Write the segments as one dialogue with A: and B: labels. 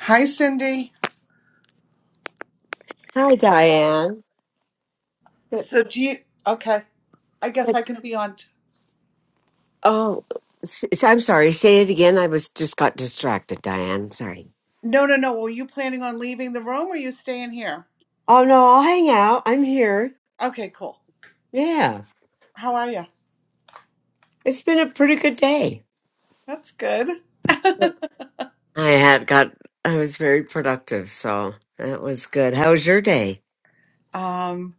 A: Hi, Cindy.
B: Hi, Diane. That-
A: So do you? Okay, I guess I
B: That's
A: can be on.
B: oh, s- s- I'm sorry. Say it again. I was just got distracted, Diane. Sorry.
A: No, no, no. Were you planning on leaving the room, or you staying here?
B: Oh no, I'll hang out. I'm here.
A: Okay, cool.
B: Yeah,
A: How are you?
B: it's been a pretty good day.
A: That's good.
B: Yeah. I had got. I was very productive, so that was good. How was your day?
A: um,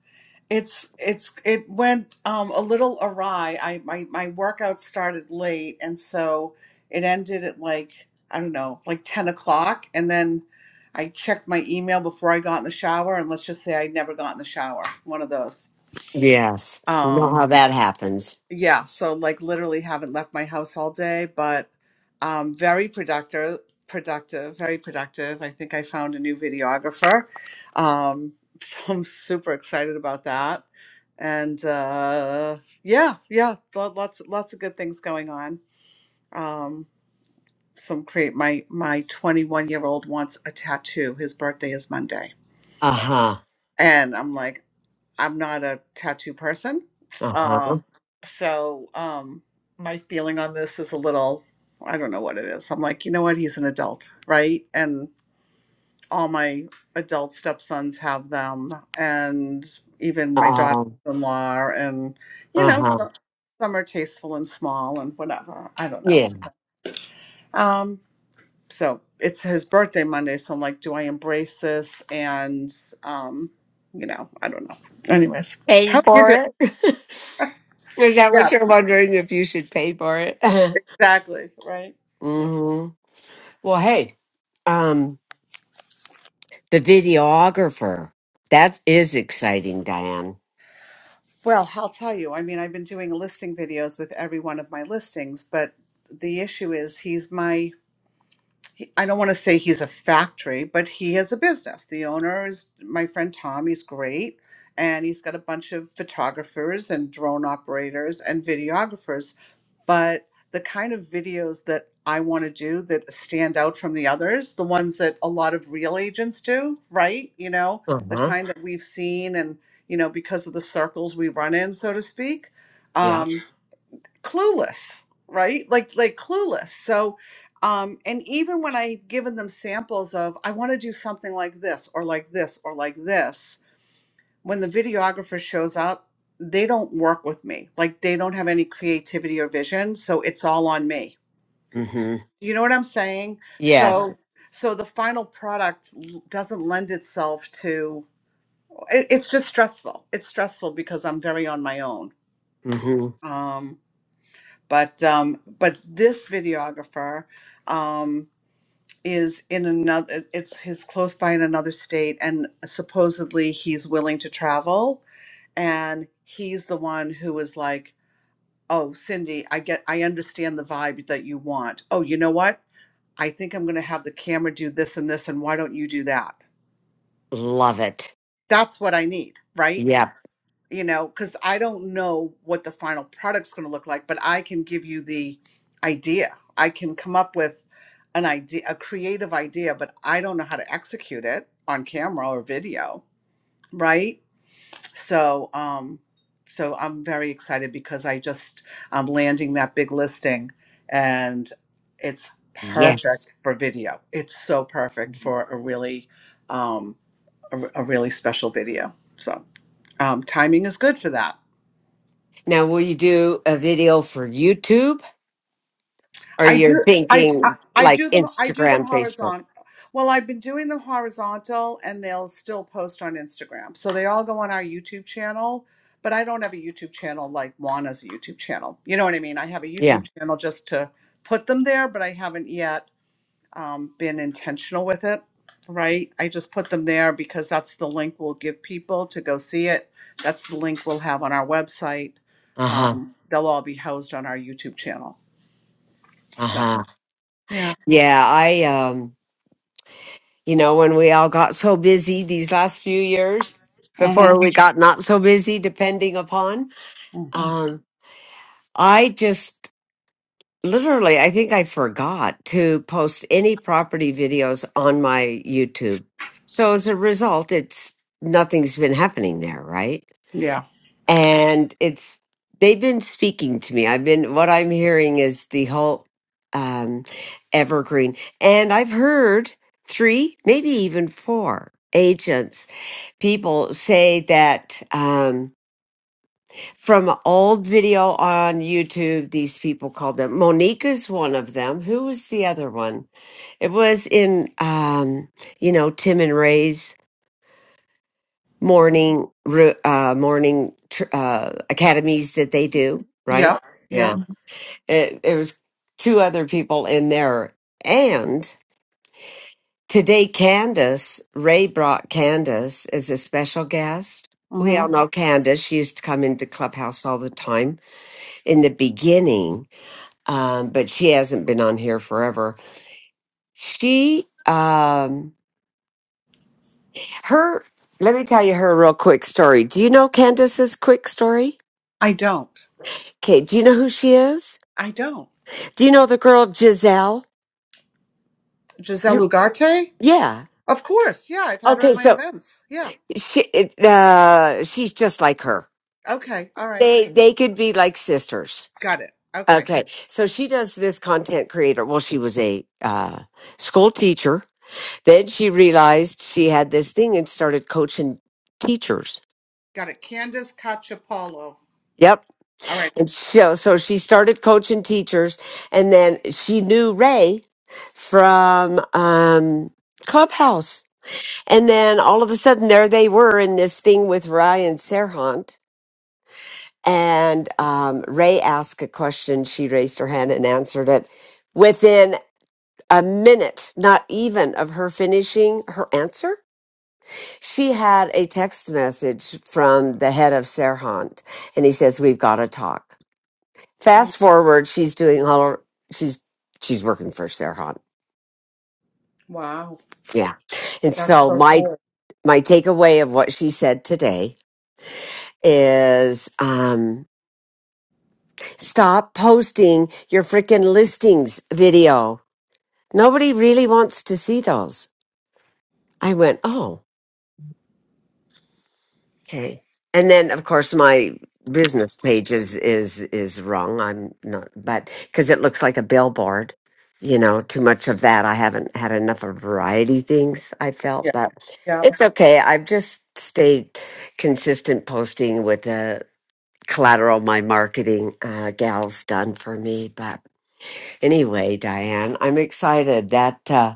A: it's it's it went um a little awry. I my my workout started late, and so it ended at like I don't know, like ten o'clock, and then. I checked my email before I got in the shower, and let's just say I never got in the shower. One of those.
B: Yes. You
A: Um,
B: know how that happens.
A: yeah, so like literally haven't left my house all day, but um, very productive, productive, very productive. I think I found a new videographer. Um, so I'm super excited about that. And uh, yeah, yeah, lo- lots lots of good things going on. Um, some create my my 21 year old wants a tattoo. His birthday is Monday.
B: Uh huh.
A: And I'm like, I'm not a tattoo person.
B: Uh huh.
A: Um, so um, my feeling on this is a little, I don't know what it is. I'm like, you know what? He's an adult, right? And all my adult stepsons have them, and even my daughter in law, and, you
B: Uh
A: know,
B: huh.
A: so, some are tasteful and small and whatever. I don't know.
B: Yeah.
A: Um, so it's his birthday Monday. So I'm like, do I embrace this? And, um, you know, I don't know. Anyways, how
B: Paid
A: do you
B: for
A: do?
B: it. Is that what
A: Yeah.
B: you're wondering if you should pay for it?
A: Exactly. Right. Yeah.
B: mm-hmm. Well, hey, um, the videographer. That is exciting, Diane.
A: Well, I'll tell you. I mean, I've been doing listing videos with every one of my listings, but the issue is he's my, he- I don't want to say he's a factory, but he has a business. The owner is my friend Tom. He's great. And he's got a bunch of photographers and drone operators and videographers but the kind of videos that I want to do that stand out from the others, the ones that a lot of real agents do, right? You know,
B: Uh
A: the
B: huh.
A: kind that we've seen and, you know, because of the circles we run in, so to speak.
B: Yeah.
A: Um, clueless, right? Like like clueless. So um, and even when I've given them samples of I want to do something like this or like this or like this, when the videographer shows up, they don't work with me. Like they don't have any creativity or vision, so it's all on me.
B: Mm hmm.
A: You know what I'm saying? So
B: Yes.
A: Right. so the final product l- doesn't lend itself to it, it's just stressful. It's stressful because I'm very on my own.
B: Mm hmm.
A: Um but um but this videographer um is in another it's his close by in another state and supposedly he's willing to travel and he's the one who was like oh cindy i get i understand the vibe that you want oh you know what i think i'm going to have the camera do this and this and why don't you do that
B: Love it.
A: that's what i need right
B: Yep.
A: you know because i don't know what the final product's going to look like but i can give you the idea i can come up with an idea a creative idea but i don't know how to execute it on camera or video right So, um, so I'm very excited because I just I'm landing that big listing, and it's
B: Yes.
A: perfect for video. It's so perfect for a really, um, a, a really special video. So, um, timing is good for that.
B: Now, will you do a video for YouTube or
A: I
B: you're
A: do. I, d- I-
B: thinking
A: I
B: like
A: do them. I do them
B: Instagram, Facebook?
A: horizontal. Well, I've been doing them horizontal, and they'll still post on Instagram. So they all go on our YouTube channel. But I don't have a YouTube channel like Juana's a YouTube channel. You know what I mean? I have a
B: Yeah.
A: YouTube channel just to put them there, but I haven't yet um, been intentional with it. Right? I just put them there because that's the link we'll give people to go see it. That's the link we'll have on our website.
B: Uh huh.
A: Um, they'll all be housed on our YouTube channel.
B: Uh
A: So.
B: huh.
A: yeah.
B: Yeah. I, um, you know, when we all got so busy these last few years before
A: Mm-hmm.
B: we got not so busy, depending upon, um, I just literally, I think I forgot to post any property videos on my YouTube. So as a result, it's nothing's been happening there, right?
A: Yeah.
B: And it's they've been speaking to me. I've been what I'm hearing is the whole um evergreen. And I've heard three, maybe even four agents, people say that um from an old video on YouTube. These people called them. Monica's one of them. Who was the other one? It was in, um, you know, Tim and Ray's morning ru- uh, morning tr- uh, academies that they do, right?
A: Yep. Yep.
B: Yeah. It, it was two other people in there. And today, Candace, Ray brought Candace as a special guest. We all
A: Mm-hmm.
B: know Candace. She used to come into Clubhouse all the time in the beginning um, but she hasn't been on here forever. She, um, her, let me tell you her real quick story. Do you know Candace's quick story?
A: I don't.
B: Okay, do you know who she is?
A: I don't.
B: Do you know the girl Giselle?
A: Giselle
B: You-
A: Ugarte?
B: Yeah.
A: Of course. Yeah, I've had her at
B: Okay,
A: my
B: so
A: events. Yeah.
B: she, it, uh, she's just like her.
A: Okay. All right.
B: They, they could be like sisters.
A: Got it. Okay.
B: Okay, so she does this content creator. Well, she was a uh, school teacher. Then she realized she had this thing and started coaching teachers.
A: Got it. Candace Cacciapalo.
B: Yep.
A: All right.
B: And so, so she started coaching teachers, and then she knew Ray from um, Clubhouse. And then all of a sudden, there they were in this thing with Ryan Serhant. And um, Ray asked a question. She raised her hand and answered it within a minute, not even of her finishing her answer. She had a text message from the head of Serhant, and he says, We've got to talk.
A: Mm.
B: fast forward, she's doing all her, she's she's working for Sarah
A: Wow.
B: Yeah. And
A: That's
B: so
A: so
B: my
A: cool.
B: my takeaway of what she said today is um stop posting your freaking listings video. Nobody really wants to see those. I went, "Oh, Okay. And then of course my business page is is is wrong. I'm not but cuz it looks like a billboard. You know, too much of that. I haven't had enough of variety things I felt,
A: Yeah.
B: but
A: Yeah.
B: it's okay. I've just stayed consistent posting with the collateral my marketing uh, gals done for me. But anyway, Diane, I'm excited. That uh,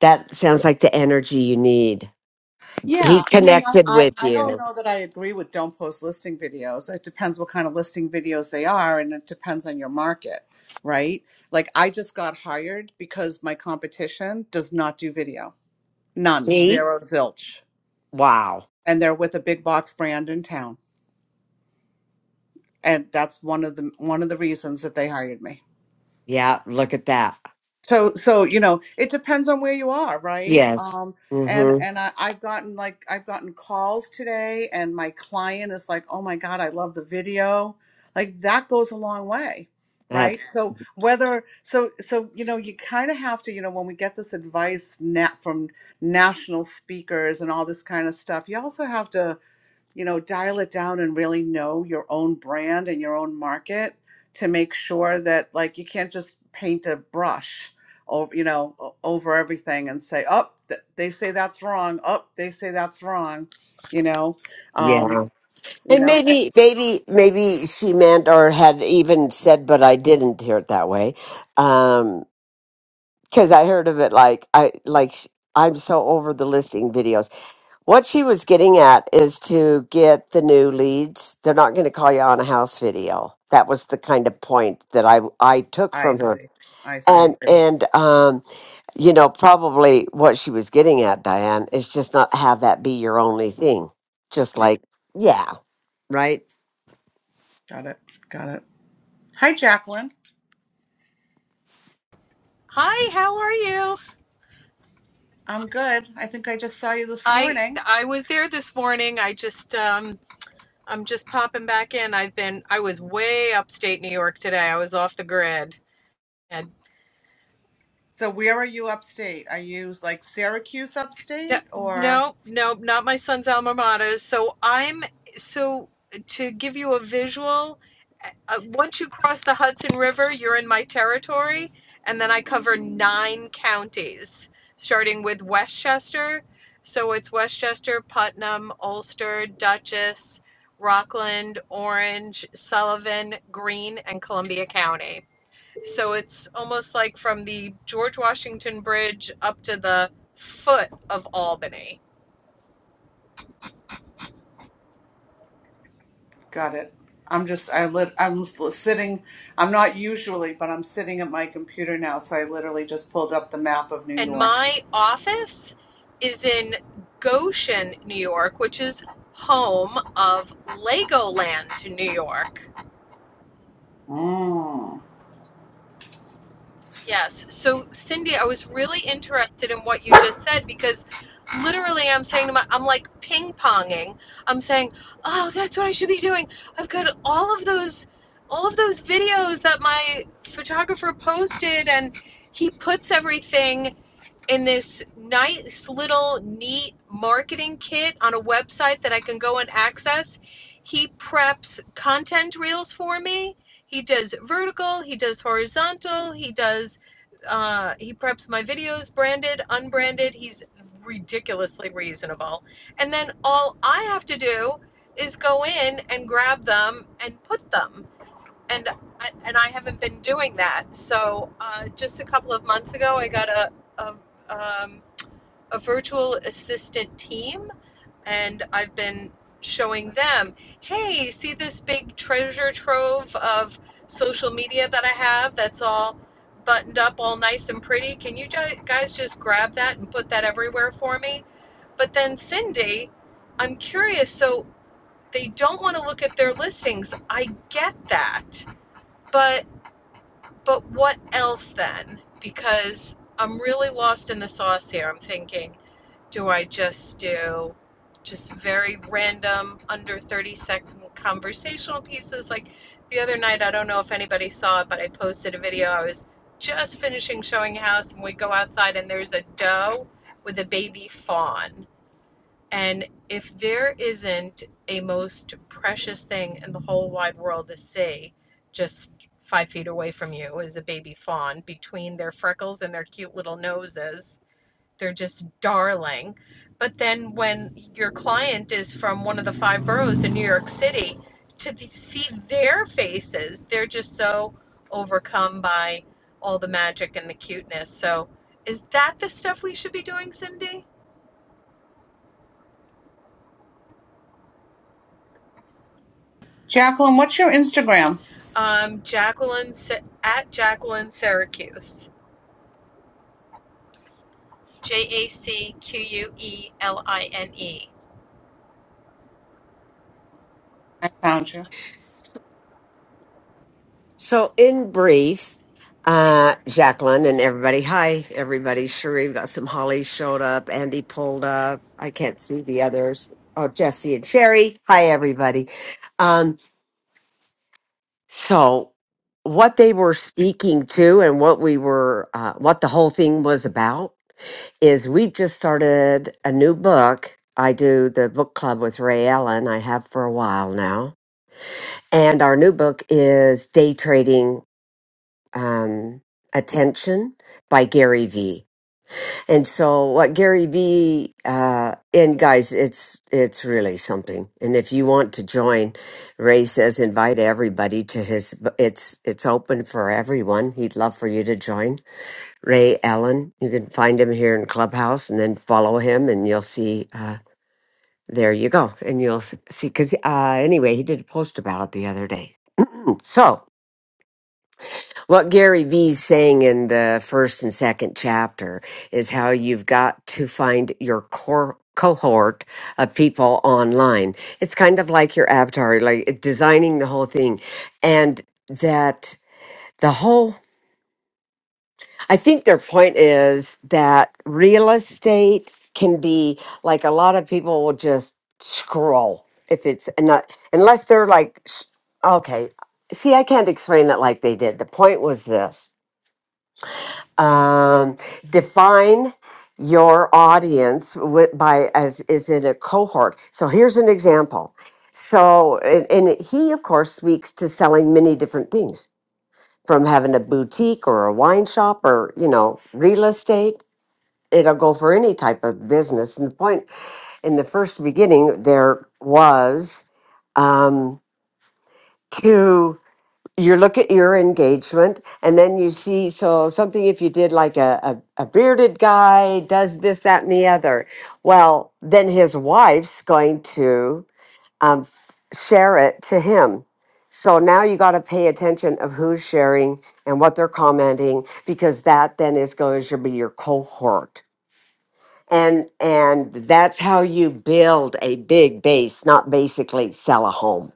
B: that sounds like the energy you need. He
A: Yeah, I mean, I,
B: connected
A: I,
B: with
A: I don't
B: you.
A: know that I agree with don't post listing videos. It depends what kind of listing videos they are, and it depends on your market, right? Like, I just got hired because my competition does not do video. None,
B: See?
A: zero, zilch.
B: Wow.
A: And they're with a big box brand in town. And that's one of the one of the reasons that they hired me.
B: Yeah, look at that.
A: so so you know it depends on where you are right
B: Yes.
A: um and
B: Mm-hmm.
A: and I, i've gotten like i've gotten calls today and my client is like oh my god i love the video like that goes a long way
B: That's
A: right Yeah. so whether so so you know you kind of have to you know when we get this advice na from national speakers and all this kind of stuff you also have to you know, dial it down and really know your own brand and your own market to make sure that like you can't just paint a brush over, you know, o- over everything and say, "Oh, th- they say that's wrong. Oh, they say that's wrong." You know, um,
B: yeah.
A: you
B: And
A: know, Eh,
B: maybe, maybe, maybe she meant or had even said, but I didn't hear it that way, Um, 'cause because I heard of it like I like sh- I'm so over the listing videos. What she was getting at is to get the new leads. They're not going to call you on a house video. That was the kind of point that I I took
A: I
B: from her,
A: see. I see.
B: and and um. you know, probably what she was getting at, Diane, is just not have that be your only thing. Just
A: Yeah.
B: like, yeah, right?
A: Got it. Got it. Hi, Jacqueline.
C: Hi, how are you?
A: I'm good. I think I just saw you this
C: I
A: morning.
C: I was there this morning. I just um I'm just popping back in. I've been I was way upstate New York today. I was off the grid. and.
A: So, where are you upstate? Are you like Syracuse
C: No,
A: upstate or?
C: no, no, not my son's alma mater. So I'm so to give you a visual. Uh, once you cross the Hudson River, you're in my territory, and then I cover nine counties, starting with Westchester. So it's Westchester, Putnam, Ulster, Dutchess, Rockland, Orange, Sullivan, Greene, and Columbia County. So it's almost like from the George Washington Bridge up to the foot of Albany.
A: Got it. I'm just I lit I'm sitting I'm not usually, but I'm sitting at my computer now, so I literally just pulled up the map of New
C: And
A: York.
C: my office is in Goshen, New York, which is home of Legoland to New York.
A: Mm.
C: Yes. So, Cindy, I was really interested in what you just said because literally I'm saying to my, I'm like ping ponging. I'm saying, oh, that's what I should be doing. I've got all of those, all of those videos that my photographer posted and he puts everything in this nice little neat marketing kit on a website that I can go and access. He preps content reels for me. He does vertical, he does horizontal, he does uh, he preps my videos branded, unbranded. He's ridiculously reasonable. And then all I have to do is go in and grab them and put them and and I haven't been doing that. So uh, just a couple of months ago, I got a a, um, a virtual assistant team, and I've been showing them, hey, see this big treasure trove of social media that I have that's all buttoned up, all nice and pretty. Can you ju- guys just grab that and put that everywhere for me? But then Cindy, I'm curious. So they don't want to look at their listings. I get that, but but what else then? Because I'm really lost in the sauce here. I'm thinking, do I just do just very random under 30 second conversational pieces? Like the other night, I don't know if anybody saw it, but I posted a video. I was just finishing showing house, and we go outside, and there's a doe with a baby fawn and if there isn't a most precious thing in the whole wide world to see, just five feet away from you is a baby fawn between their freckles and their cute little noses. They're just darling. But then when your client is from one of the five boroughs in New York City, to th- see their faces, they're just so overcome by all the magic and the cuteness. So, is that the stuff we should be doing, Cindy?
A: Jacqueline, what's your Instagram?
C: Um, Jacqueline at Jacqueline Syracuse. J A C Q U E L I N E.
A: I found you.
B: So, in brief, uh, Jacqueline and everybody, hi, everybody. Sheree, we got some Holly showed up. Andy pulled up. I can't see the others. Oh, Jesse and Sherry. Hi, everybody. Um, So, what they were speaking to and what we were, uh, what the whole thing was about is we've just started a new book. I do the book club with Ray Allen, I have for a while now. And our new book is Day Trading um, Attention by Gary Vee. And so what Gary V uh and guys, it's it's really something. And if you want to join, Ray says invite everybody to his it's it's open for everyone. He'd love for you to join. Ray Allen, you can find him here in Clubhouse and then follow him and you'll see uh there you go. And you'll s- see cuz uh anyway, he did a post about it the other day. so what Gary Vee's saying in the first and second chapter is how you've got to find your core cohort of people online. It's kind of like your avatar, like uh, designing the whole thing. And that the whole, I think their point is that real estate can be like a lot of people will just scroll if it's not, unless they're like, s- okay, see, I can't explain it like they did. The point was this um, define your audience wi- by as is in a cohort so here's an example so and, and he of course speaks to selling many different things from having a boutique or a wine shop or you know real estate it'll go for any type of business and the point in the first beginning there was um, to you look at your engagement and then you see so something if you did like a, a, a bearded guy does this that and the other well then his wife's going to um, f- share it to him so now you got to pay attention of who's sharing and what they're commenting because that then is going to be your cohort and and that's how you build a big base not basically sell a home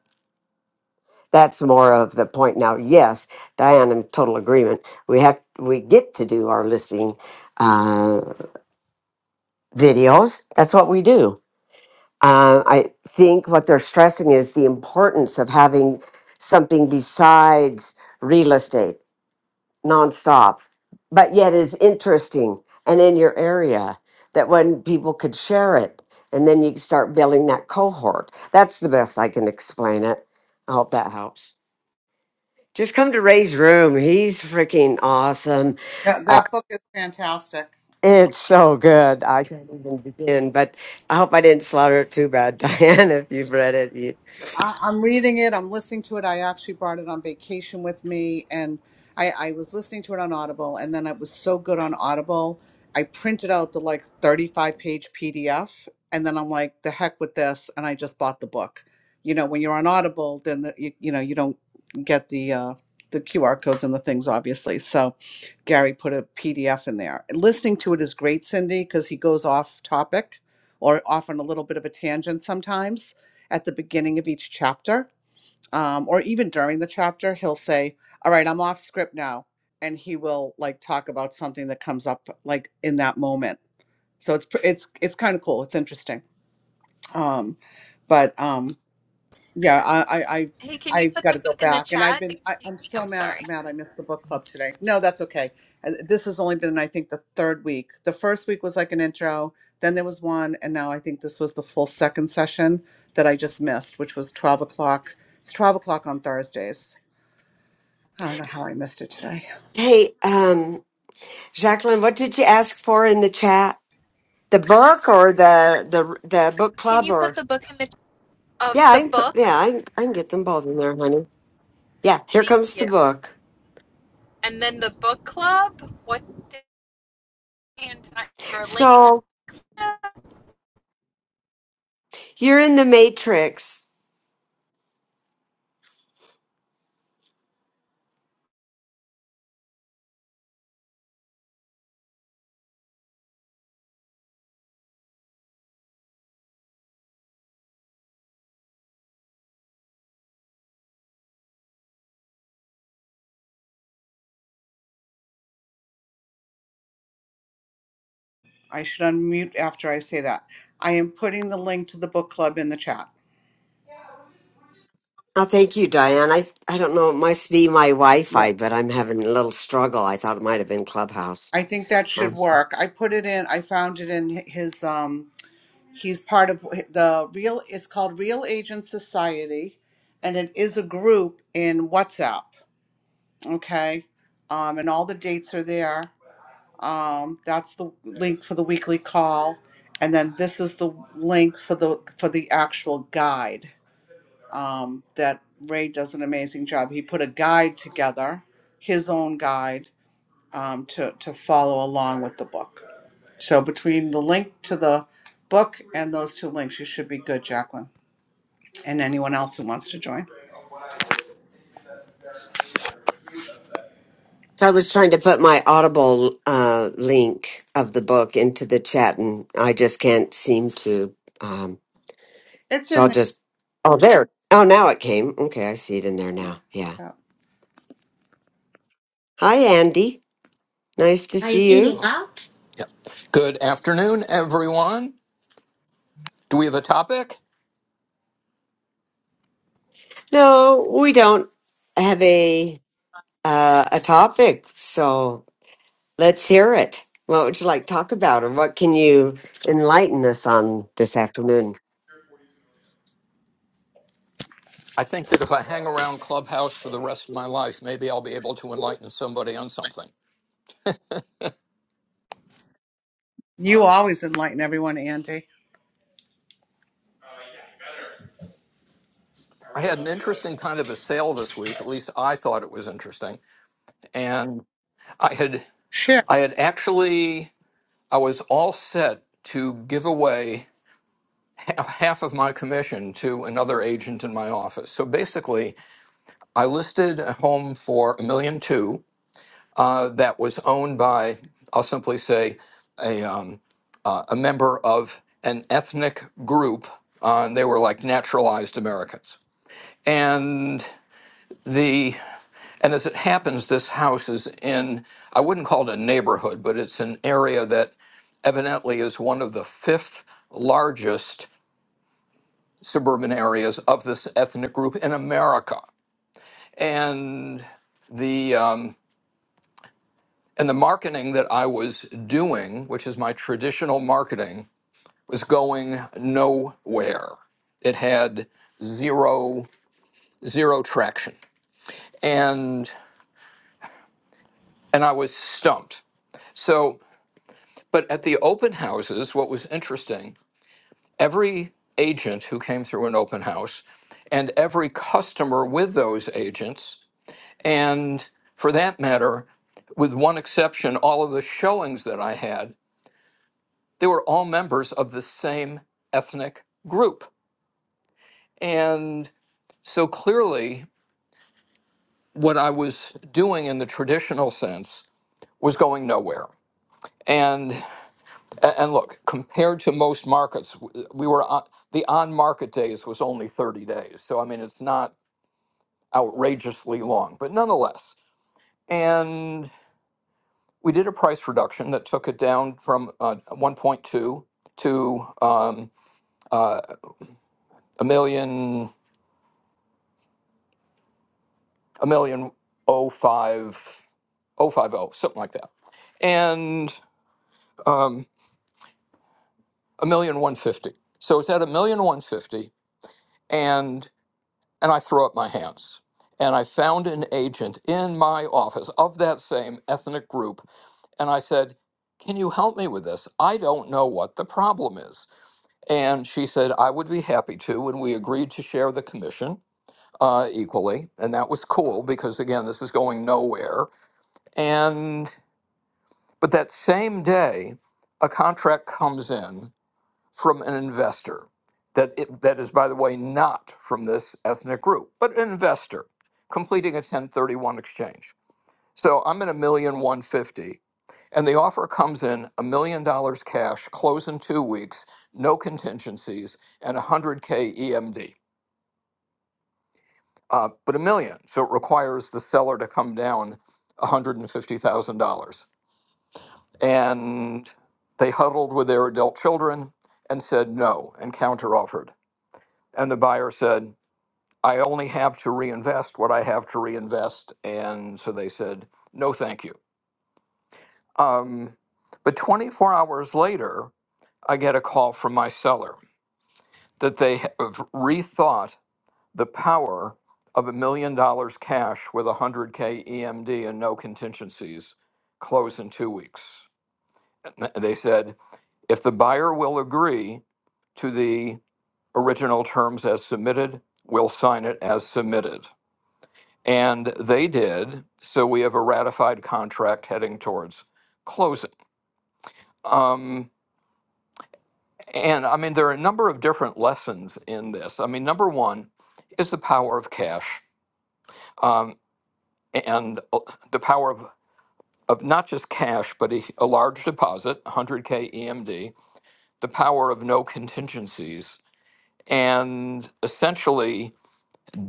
B: that's more of the point now yes diane in total agreement we have we get to do our listing uh, videos that's what we do uh, i think what they're stressing is the importance of having something besides real estate nonstop but yet is interesting and in your area that when people could share it and then you start building that cohort that's the best i can explain it i hope that helps Just come to Ray's room. He's freaking awesome.
A: That
B: Uh,
A: that book is fantastic.
B: it's so good. I can't even begin, but I hope I didn't slaughter it too bad, Diane, if you've read it. You...
A: I, I'm reading it. I'm listening to it. I actually brought it on vacation with me, and I, I was listening to it on Audible, and then it was so good on Audible. I printed out the like 35 page PDF, and then I'm like, the heck with this, and I just bought the book. You know, when you're on Audible, then the, you, you know you don't get the uh, the QR codes and the things, obviously. So Gary put a PDF in there. Listening to it is great, Cindy, because he goes off topic or off on a little bit of a tangent sometimes at the beginning of each chapter, um, or even during the chapter, he'll say, All right, I'm off script now. And he will like talk about something that comes up like in that moment. So it's pr- it's it's kind of cool. It's interesting. Um, but um, yeah, I, I, I've,
C: Hey, can you
A: I've
C: put
A: got
C: the
A: to go
C: book in the
A: back, and I've
C: chat?
A: been, I,
C: Excuse
A: I'm
C: me,
A: so
C: I'm
A: mad,
C: sorry.
A: mad I missed the book club today. No, that's okay. And This has only been, I think, the third week. The first week was like an intro, then there was one, and now I think this was the full second session that I just missed, which was 12 o'clock. It's 12 o'clock on Thursdays. I don't know how I missed it today.
B: Hey, um, Jacqueline, what did you ask for in the chat? The book or the the the book
C: Can
B: club
C: you put
B: or
C: the book in the of
B: yeah, I
C: the
B: can put
C: book?
B: yeah, I can, I can get them both in there, honey. Yeah, here comes
C: Thank
B: the
C: you.
B: book.
C: And then the book club. What did you or link?
B: So you're in the Matrix.
A: I should unmute after I say that. I am putting the link to the book club in the chat.
B: Oh, thank you, Diane. I I don't know. It must be my
A: Yeah,
B: Wi-Fi, but I'm having a little struggle. I thought it might have been Clubhouse.
A: I think that should
B: Awesome.
A: work. I put it in. I found it in his um He's part of the real, it's called Real Agent Society, and it is a group in WhatsApp. Okay. Um, and all the dates are there. Um, that's the link for the weekly call. And then this is the link for the for the actual guide. Um, that Ray does an amazing job. He put a guide together, his own guide, um, to, to follow along with the book. So between the link to the book and those two links, you should be good, Jacqueline and anyone else who wants to join.
B: So I was trying to put my Audible uh, link of the book into the chat, and I just can't seem to. Um,
A: It's
B: so
A: in
B: I'll just. Oh, there. Oh, now it came. Okay, I see it in there now.
A: there.
B: Yeah.
A: Yeah.
B: Hi, Andy. Nice to
D: Are you
B: see
D: eating
B: you.
D: out? Yeah. Good afternoon, everyone. Do we have a topic?
B: No, we don't have a uh, a topic, so Let's hear it. What would you like to talk about, or what can you enlighten us on this afternoon?
D: I think that if I hang around Clubhouse for the rest of my life, maybe I'll be able to enlighten somebody on something.
A: You always enlighten everyone, Andy.
D: I had an interesting kind of a sale this week. At least I thought it was interesting, and I had
A: Share.
D: I had actually I was all set to give away ha- half of my commission to another agent in my office. So basically, I listed a home for a million two. uh, that was owned by, I'll simply say, a, um, uh, a member of an ethnic group. Uh, and they were like naturalized Americans. And the and as it happens, this house is in I wouldn't call it a neighborhood, but it's an area that evidently is one of the fifth largest suburban areas of this ethnic group in America. And the um, And the marketing that I was doing, which is my traditional marketing, was going nowhere. It had zero zero traction. And and I was stumped. So, but at the open houses, what was interesting, every agent who came through an open house and every customer with those agents and for that matter, with one exception, all of the showings that I had They were all members of the same ethnic group. And so clearly, what I was doing in the traditional sense was going nowhere. And and look, compared to most markets, we were on, the on market days was only 30 days. So I mean, it's not outrageously long, but nonetheless. And we did a price reduction that took it down from uh, 1.2 to um, uh, a million. a million oh five oh five oh something like that and um, a million one fifty so it's at a million one fifty and and i throw up my hands and i found an agent in my office of that same ethnic group and i said can you help me with this i don't know what the problem is and she said i would be happy to and we agreed to share the commission uh, equally and that was cool because again this is going nowhere and But that same day, a contract comes in from an investor that, it, that is, by the way, not from this ethnic group, but an investor completing a 1031 exchange. So I'm at a million one fifty, and the offer comes in a million dollars cash, close in two weeks, no contingencies, and 100K EMD. Uh, but a million, so it requires the seller to come down $150,000. And they huddled with their adult children and said no and counteroffered. And the buyer said, I only have to reinvest what I have to reinvest. And so they said, no, thank you. Um, but 24 hours later, I get a call from my seller that they have rethought the power of a million dollars cash with 100K EMD and no contingencies close in two weeks. And They said, If the buyer will agree to the original terms as submitted, we'll sign it as submitted. And they did, so we have a ratified contract heading towards closing. Um, and I mean, there are a number of different lessons in this. I mean, number one is the power of cash um, and uh, the power of, of not just cash, but a, a large deposit, 100K EMD, the power of no contingencies, and essentially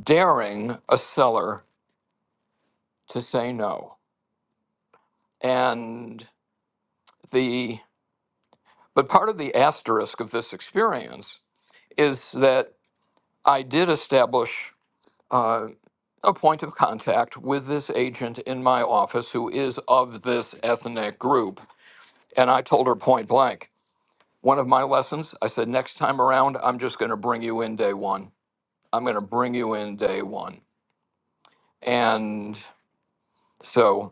D: daring a seller to say no. And the but part of the asterisk of this experience is that I did establish uh, a point of contact with this agent in my office who is of this ethnic group, and I told her point blank. One of my lessons, I said, next time around, I'm just going to bring you in day one. I'm going to bring you in day one. And so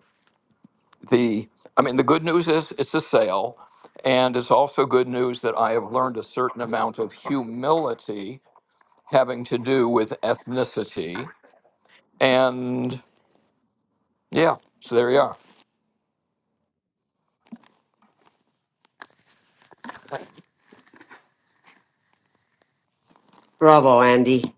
D: the i mean the good news is it's a sale and it's also good news that i have learned a certain amount of humility having to do with ethnicity and yeah so there you are
B: Bravo, Andy.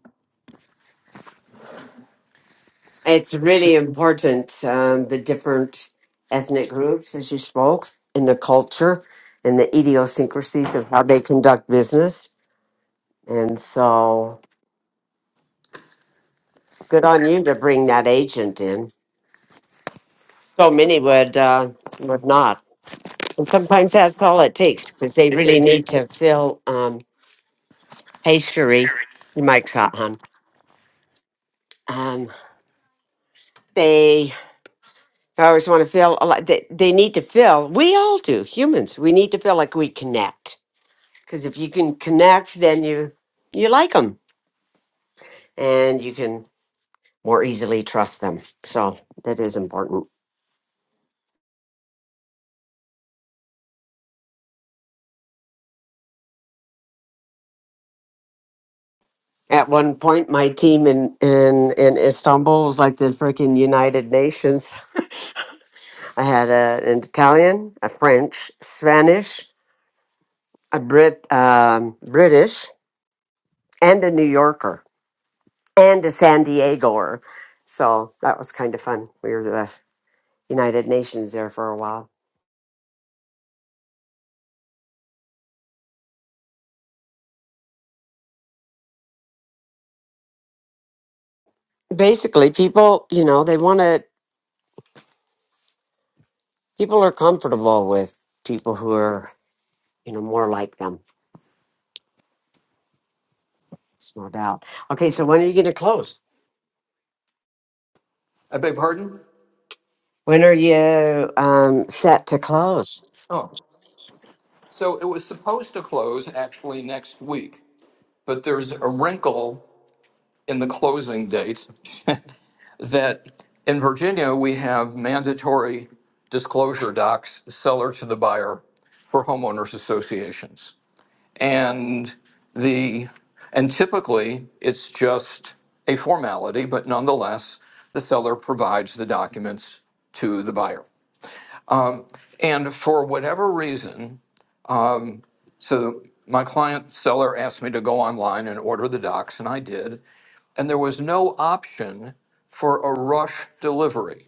B: It's really important um, the different ethnic groups, as you spoke, in the culture and the idiosyncrasies of how they conduct business. And so, good on you to bring that agent in. So many would uh, would not, and sometimes that's all it takes because they really need to fill um, hey, Cherie, your mic's hot, hon. Um, They always want to feel a lot. They, they need to feel, we all do, humans, we need to feel like we connect. Because if you can connect, then you you like them and you can more easily trust them. So that is important. At one point, my team in, in, in Istanbul was like the freaking United Nations. I had a, an Italian, a French, Spanish, a Brit, um, British, and a New Yorker and to San Diego. Or, so that was kind of fun. We were the United Nations there for a while. Basically, people, you know, they want to, people are comfortable with people who are, you know, more like them. It's no doubt. Okay, so when are you going to close?
D: i beg pardon
B: When are you um, set to close?
D: oh so it was supposed to close actually next week but there's a wrinkle in the closing date that in virginia we have mandatory disclosure docs seller to the buyer for homeowners associations and the and typically it's just a formality but nonetheless the seller provides the documents to the buyer and for whatever reason so my client seller asked me to go online and order the docs and i did and there was no option for a rush delivery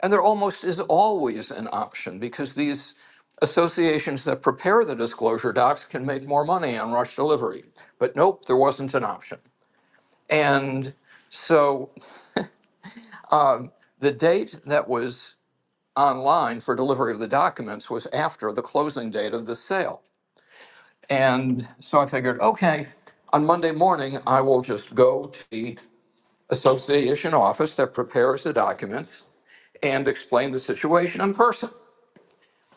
D: and there almost is always an option because these associations that prepare the disclosure docs can make more money on rush delivery but nope there wasn't an option And so the date that was online for delivery of the documents was after the closing date of the sale. And so I figured, okay, on Monday morning, I will just go to the association office that prepares the documents and explain the situation in person.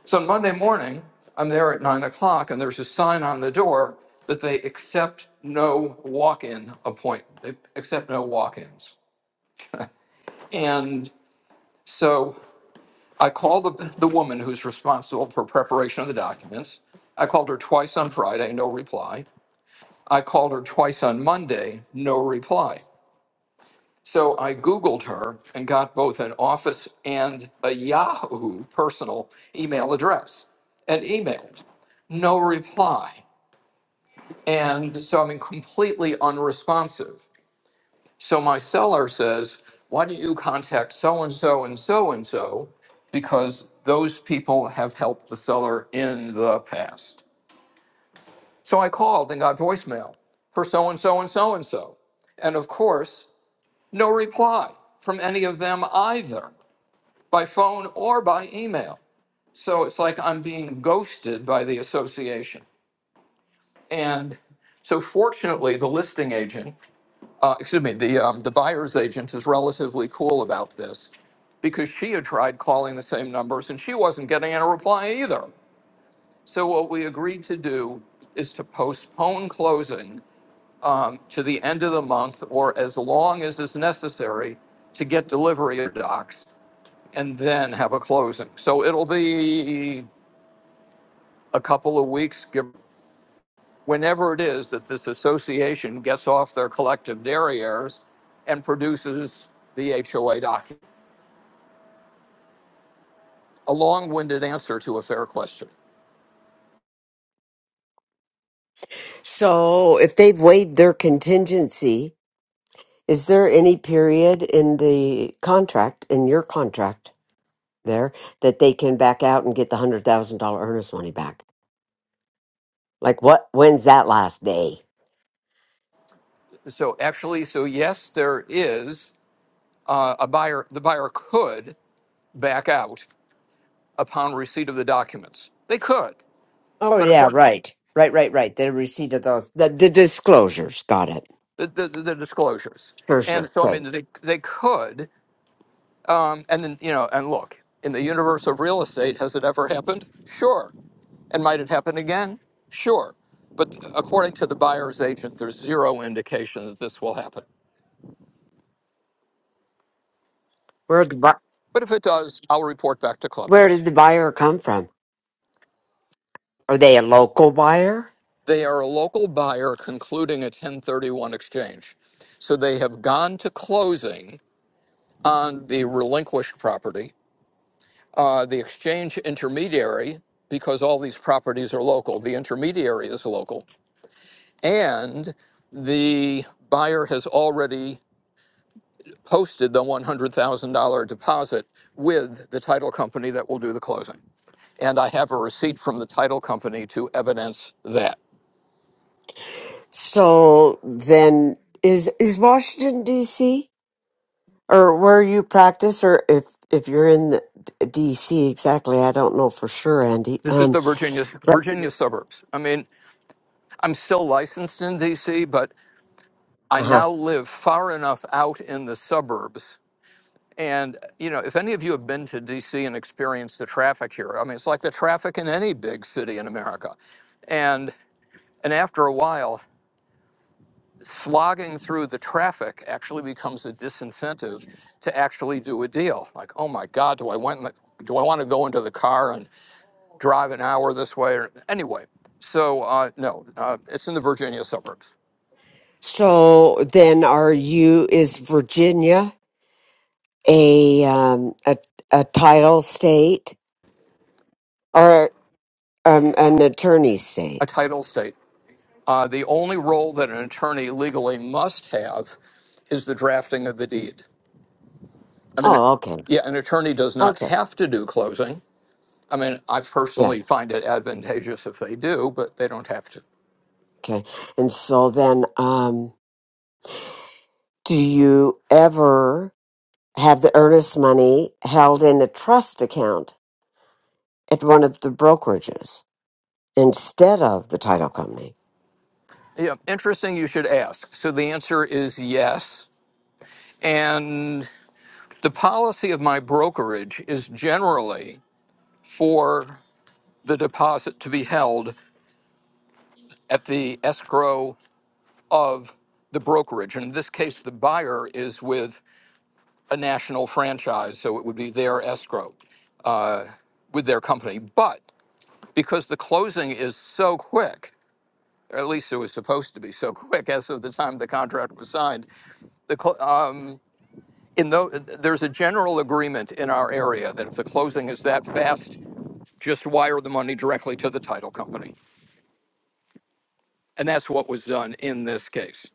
D: So on Monday morning, I'm there at nine o'clock, and there's a sign on the door that they accept no walk in appointment, they accept no walk ins. And so I called the, the woman who's responsible for preparation of the documents. I called her twice on Friday, no reply. I called her twice on Monday, no reply. So I Googled her and got both an office and a Yahoo personal email address and emailed. No reply. And so I'm completely unresponsive. So my seller says, why don't you contact so and so and so and so? Because those people have helped the seller in the past. So I called and got voicemail for so and so and so and so. And of course, no reply from any of them either by phone or by email. So it's like I'm being ghosted by the association. And so fortunately, the listing agent uh, excuse me, the um, the buyer's agent is relatively cool about this because she had tried calling the same numbers and she wasn't getting a reply either. So what we agreed to do is to postpone closing um, to the end of the month or as long as is necessary to get delivery of docs and then have a closing. So it'll be a couple of weeks, give whenever it is that this association gets off their collective derrieres and produces the HOA document. A long winded answer to a fair question.
B: So if they've waived their contingency, is there any period in the contract, in your contract there, that they can back out and get the $100,000 earnest money back? Like what? When's that last day?
D: So, actually, so yes, there is uh, a buyer, the buyer could back out upon receipt of the documents. They could,
B: Oh
D: but of
B: yeah,
D: course,
B: right, right, right, right. The receipt of those, the, the disclosures. Got it.
D: the, the, the disclosures.
B: Sure, sure.
D: And so, I
B: Okay.
D: mean, they, they could, Um, and then, you know, and look, in the universe of real estate, has it ever happened? Sure. And might it happen again? Sure. But according to the buyer's agent, there's zero indication that this will happen.
B: Where the bu-
D: But if it does, I'll report back to
B: where
D: Clubhouse.
B: did the buyer come from? Are they a local buyer?
D: They are a local buyer concluding a 1031 exchange. So they have gone to closing on the relinquished property. Uh, the exchange intermediary, because all these properties are local, the intermediary is local and the buyer has already posted the $100,000 deposit with the title company that will do the closing. And I have a receipt from the title company to evidence that.
B: So then, is is Washington D.C. or where you practice or if if you're in the D- DC exactly I don't know for sure Andy
D: This is
B: um
D: the Virginia
B: Right.
D: Virginia suburbs. I mean, I'm still licensed in DC, but I
B: uh-huh
D: now live far enough out in the suburbs. And you know, if any of you have been to DC and experienced the traffic here, I mean, it's like the traffic in any big city in America. And And after a while, slogging through the traffic actually becomes a disincentive to actually do a deal. Like, oh my God, do I went in the, do I want to go into the car and drive an hour this way? Or anyway, so uh, no, uh, it's in the Virginia suburbs,
B: so then are you is Virginia a um a a title state or um an attorney state
D: a title state. Uh, the only role that an attorney legally must have is the drafting of the deed. I mean,
B: oh okay
D: yeah, an attorney does not
B: okay
D: have to do closing. I mean, I
B: yeah
D: personally find it advantageous if they do, but they don't have to.
B: okay and so then um do you ever have the earnest money held in a trust account at one of the brokerages instead of the title company.
D: Yeah, interesting you should ask. So the answer is yes. And the policy of my brokerage is generally for the deposit to be held at the escrow of the brokerage. And in this case, the buyer is with a national franchise, so it would be their escrow with their company. But because the closing is so quick, or at least it was supposed to be so quick as of the time the contract was signed, the cl- um, in though there's a general agreement in our area that if the closing is that fast, just wire the money directly to the title company. And that's what was done in this case.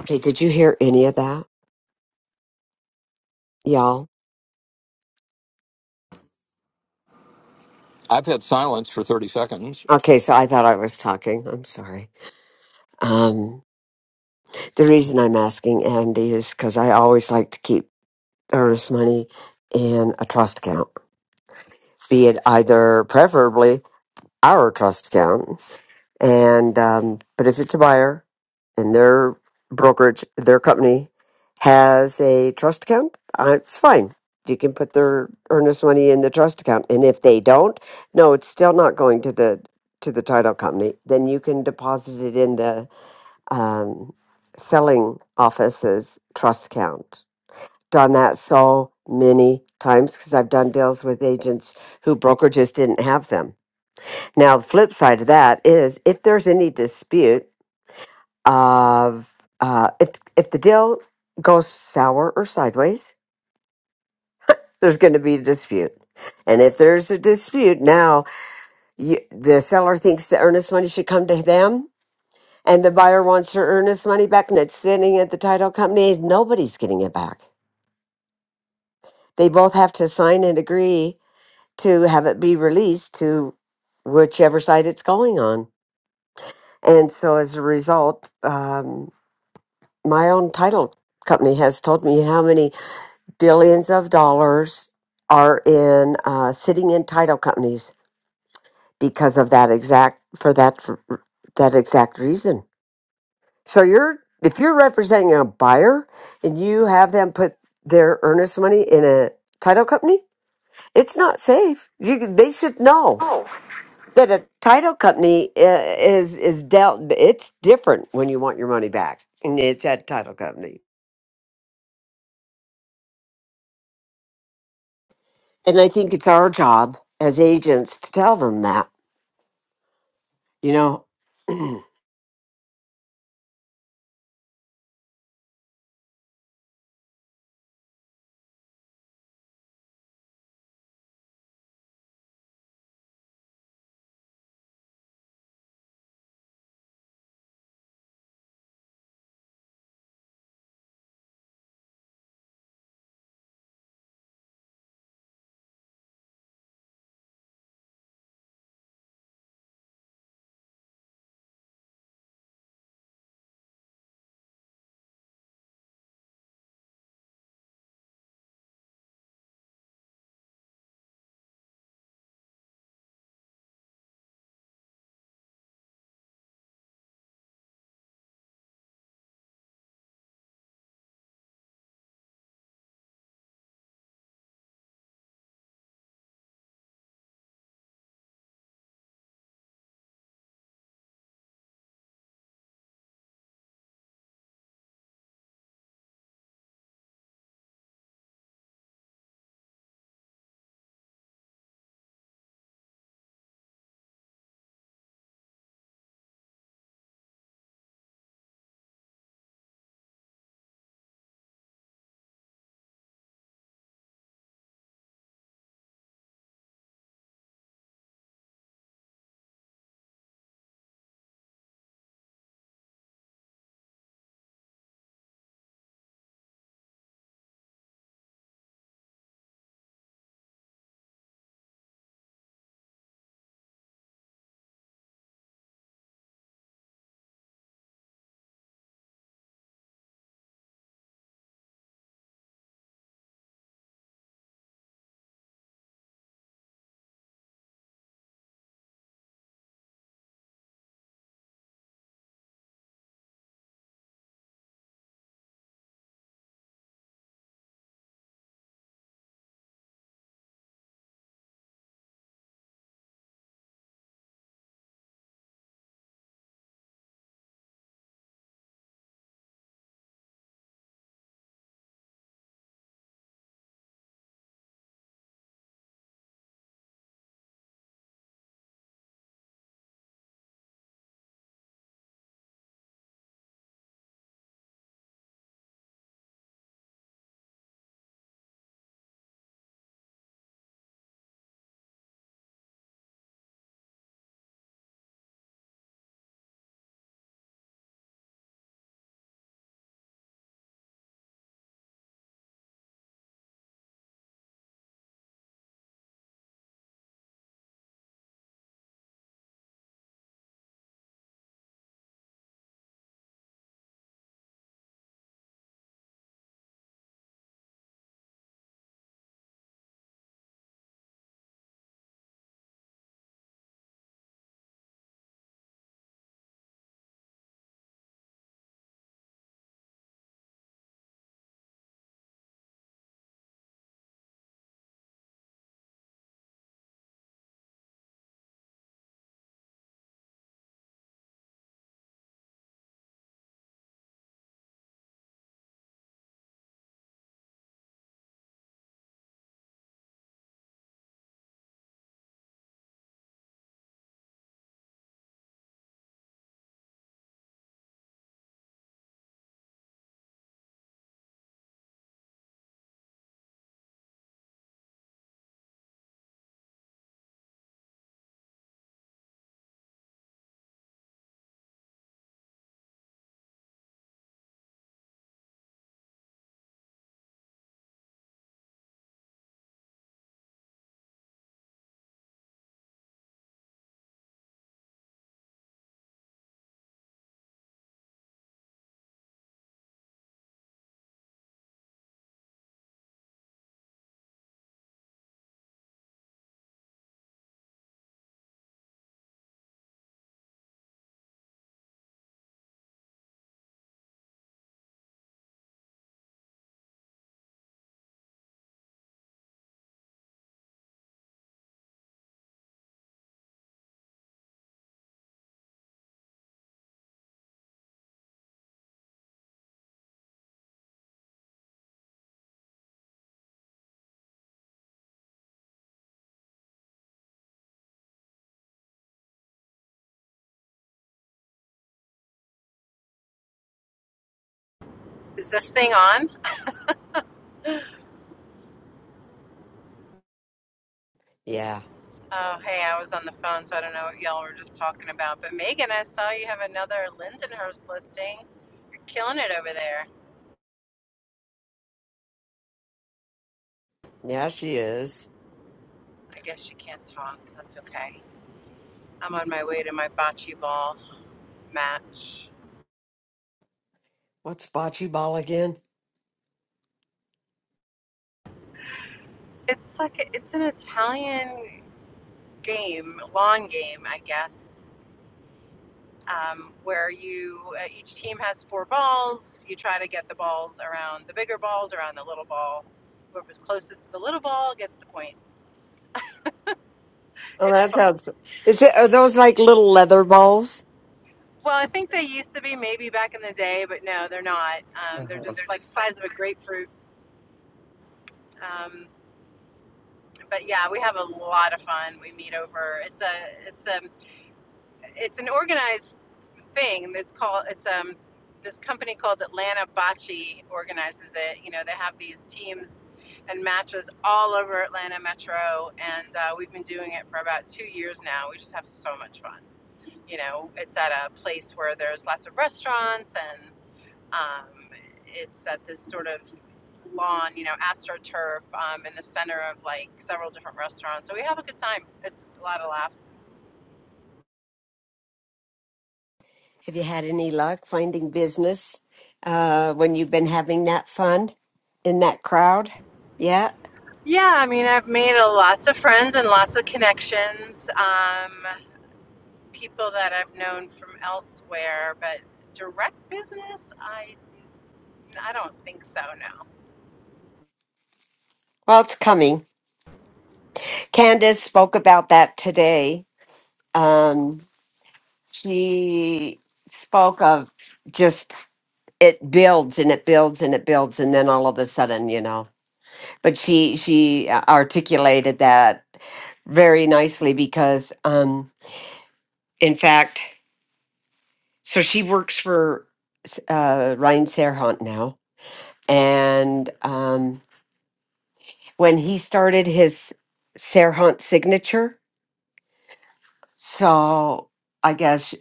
B: Okay, did you hear any of that, y'all?
D: I've had silence for 30 seconds.
B: Okay, so I thought I was talking. I'm sorry. Um, the reason I'm asking Andy is because I always like to keep earnest money in a trust account, be it either preferably our trust account And um, but if it's a buyer and their brokerage, their company has a trust account, uh, it's fine. You can put their earnest money in the trust account, and if they don't, no, it's still not going to the to the title company. Then you can deposit it in the um, selling office's trust account. Done that so many times because I've done deals with agents who brokerages didn't have them now, the flip side of that is if there's any dispute of uh, if if the deal goes sour or sideways, there's going to be a dispute. And if there's a dispute, now you, the seller thinks the earnest money should come to them, and the buyer wants their earnest money back, and it's sitting at the title company. Nobody's getting it back. They both have to sign and agree to have it be released to whichever side it's going on. And so, as a result, um, my own title company has told me how many billions of dollars are in uh, sitting in title companies because of that exact for that for that exact reason. So you're if you're representing a buyer and you have them put their earnest money in a title company, it's not safe. You they should know that a title company i- is is dealt. It's different when you want your money back, and it's at title company. And I think it's our job as agents to tell them that, you know?
E: Is this thing on?
B: yeah.
E: Oh, hey, I was on the phone, so I don't know what y'all were just talking about. But Megan, I saw you have another Lindenhurst listing. You're killing it over there.
B: Yeah, she is.
E: I guess you can't talk. That's okay. I'm on my way to my bocce ball match.
B: What's bocce ball again?
E: It's like a, it's an Italian game, lawn game, I guess, um, where you uh, each team has four balls. You try to get the balls around the bigger balls around the little ball. Whoever's closest to the little ball gets the points
B: Oh,
E: It's
B: that
E: fun.
B: sounds. Is it, are those like little leather balls?
E: Well, I think they used to be maybe back in the day, but no, they're not. Um, they're just like the size of a grapefruit. Um, but yeah, we have a lot of fun. We meet over. It's a it's a it's an organized thing. It's called it's um this company called Atlanta Bocce organizes it. You know, they have these teams and matches all over Atlanta Metro, and uh, we've been doing it for about two years now. We just have so much fun. You know, it's at a place where there's lots of restaurants and Um, it's at this sort of lawn, you know, astroturf um, in the center of like several different restaurants. So we have a good time. It's a lot of laughs.
B: Have you had any luck finding business uh, when you've been having that fun in that crowd? Yeah.
E: Yeah, I mean, I've made a, lots of friends and lots of connections. Um, people that I've known from elsewhere, but direct business, I I don't think so, no.
B: Well, it's coming. Candace spoke about that today. Um, she spoke of just it builds and it builds and it builds and then all of a sudden you know but she she uh, articulated that very nicely because um in fact so she works for uh Ryan Serhant now and um when he started his Serhant signature so I guess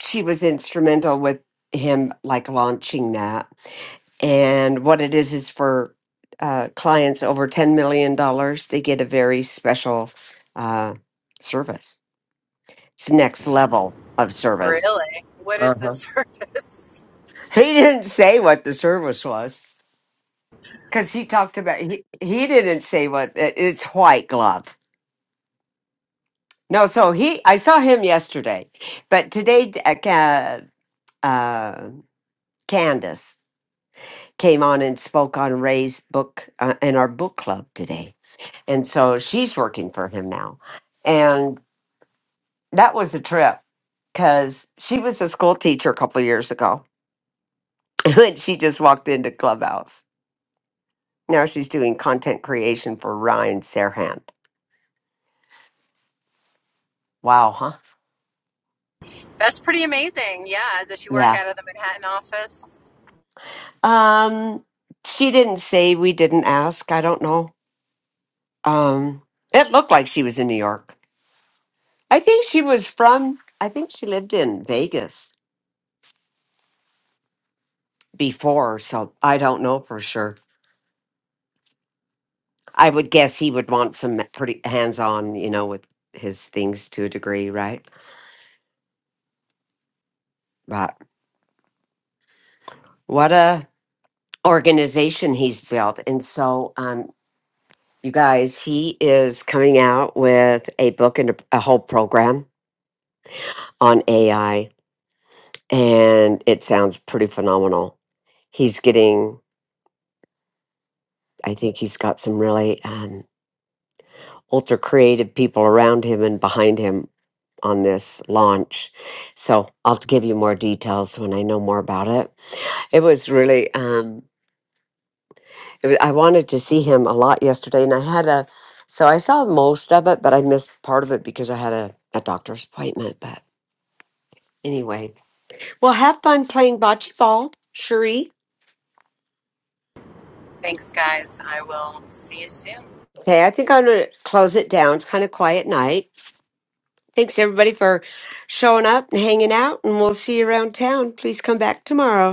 B: she was instrumental with him like launching that And what it is is for uh, clients over $10 million, dollars, they get a very special uh, service. It's next level of service.
E: Really? What is the
B: Uh-huh.
E: service?
B: He didn't say what the service was because he talked about, he, he didn't say what it- it's white glove. No, so he, I saw him yesterday, but today d- uh, Ca- uh, Candace came on and spoke on Ray's book uh, in our book club today And so she's working for him now. And that was a trip because she was a school teacher a couple of years ago. And she just walked into Clubhouse. Now she's doing content creation for Ryan Serhant. Wow, huh?
E: That's pretty amazing. Yeah. Does she work
B: Yeah.
E: out of the Manhattan office?
B: Um, she didn't say we didn't ask. I don't know. Um, it looked like she was in New York. I think she was from I think she lived in Vegas before, so I don't know for sure. I would guess he would want some pretty hands on, you know, with his things to a degree, right? But what a organization he's built. And so, um, you guys, he is coming out with a book and a, a whole program on AI, and it sounds pretty phenomenal. He's getting, I think he's got some really um, ultra creative people around him and behind him on this launch. So I'll give you more details when I know more about it It was really. Um, it wa- I wanted to see him a lot yesterday, and I had a. So I saw most of it, but I missed part of it because I had a, a doctor's appointment. But anyway, well, have fun playing bocce ball, Cherie.
E: Thanks, guys. I will see you soon.
B: Okay, I think I'm gonna close it down. It's kind of quiet night. Thanks everybody for showing up and hanging out, and we'll see you around town. Please come back tomorrow.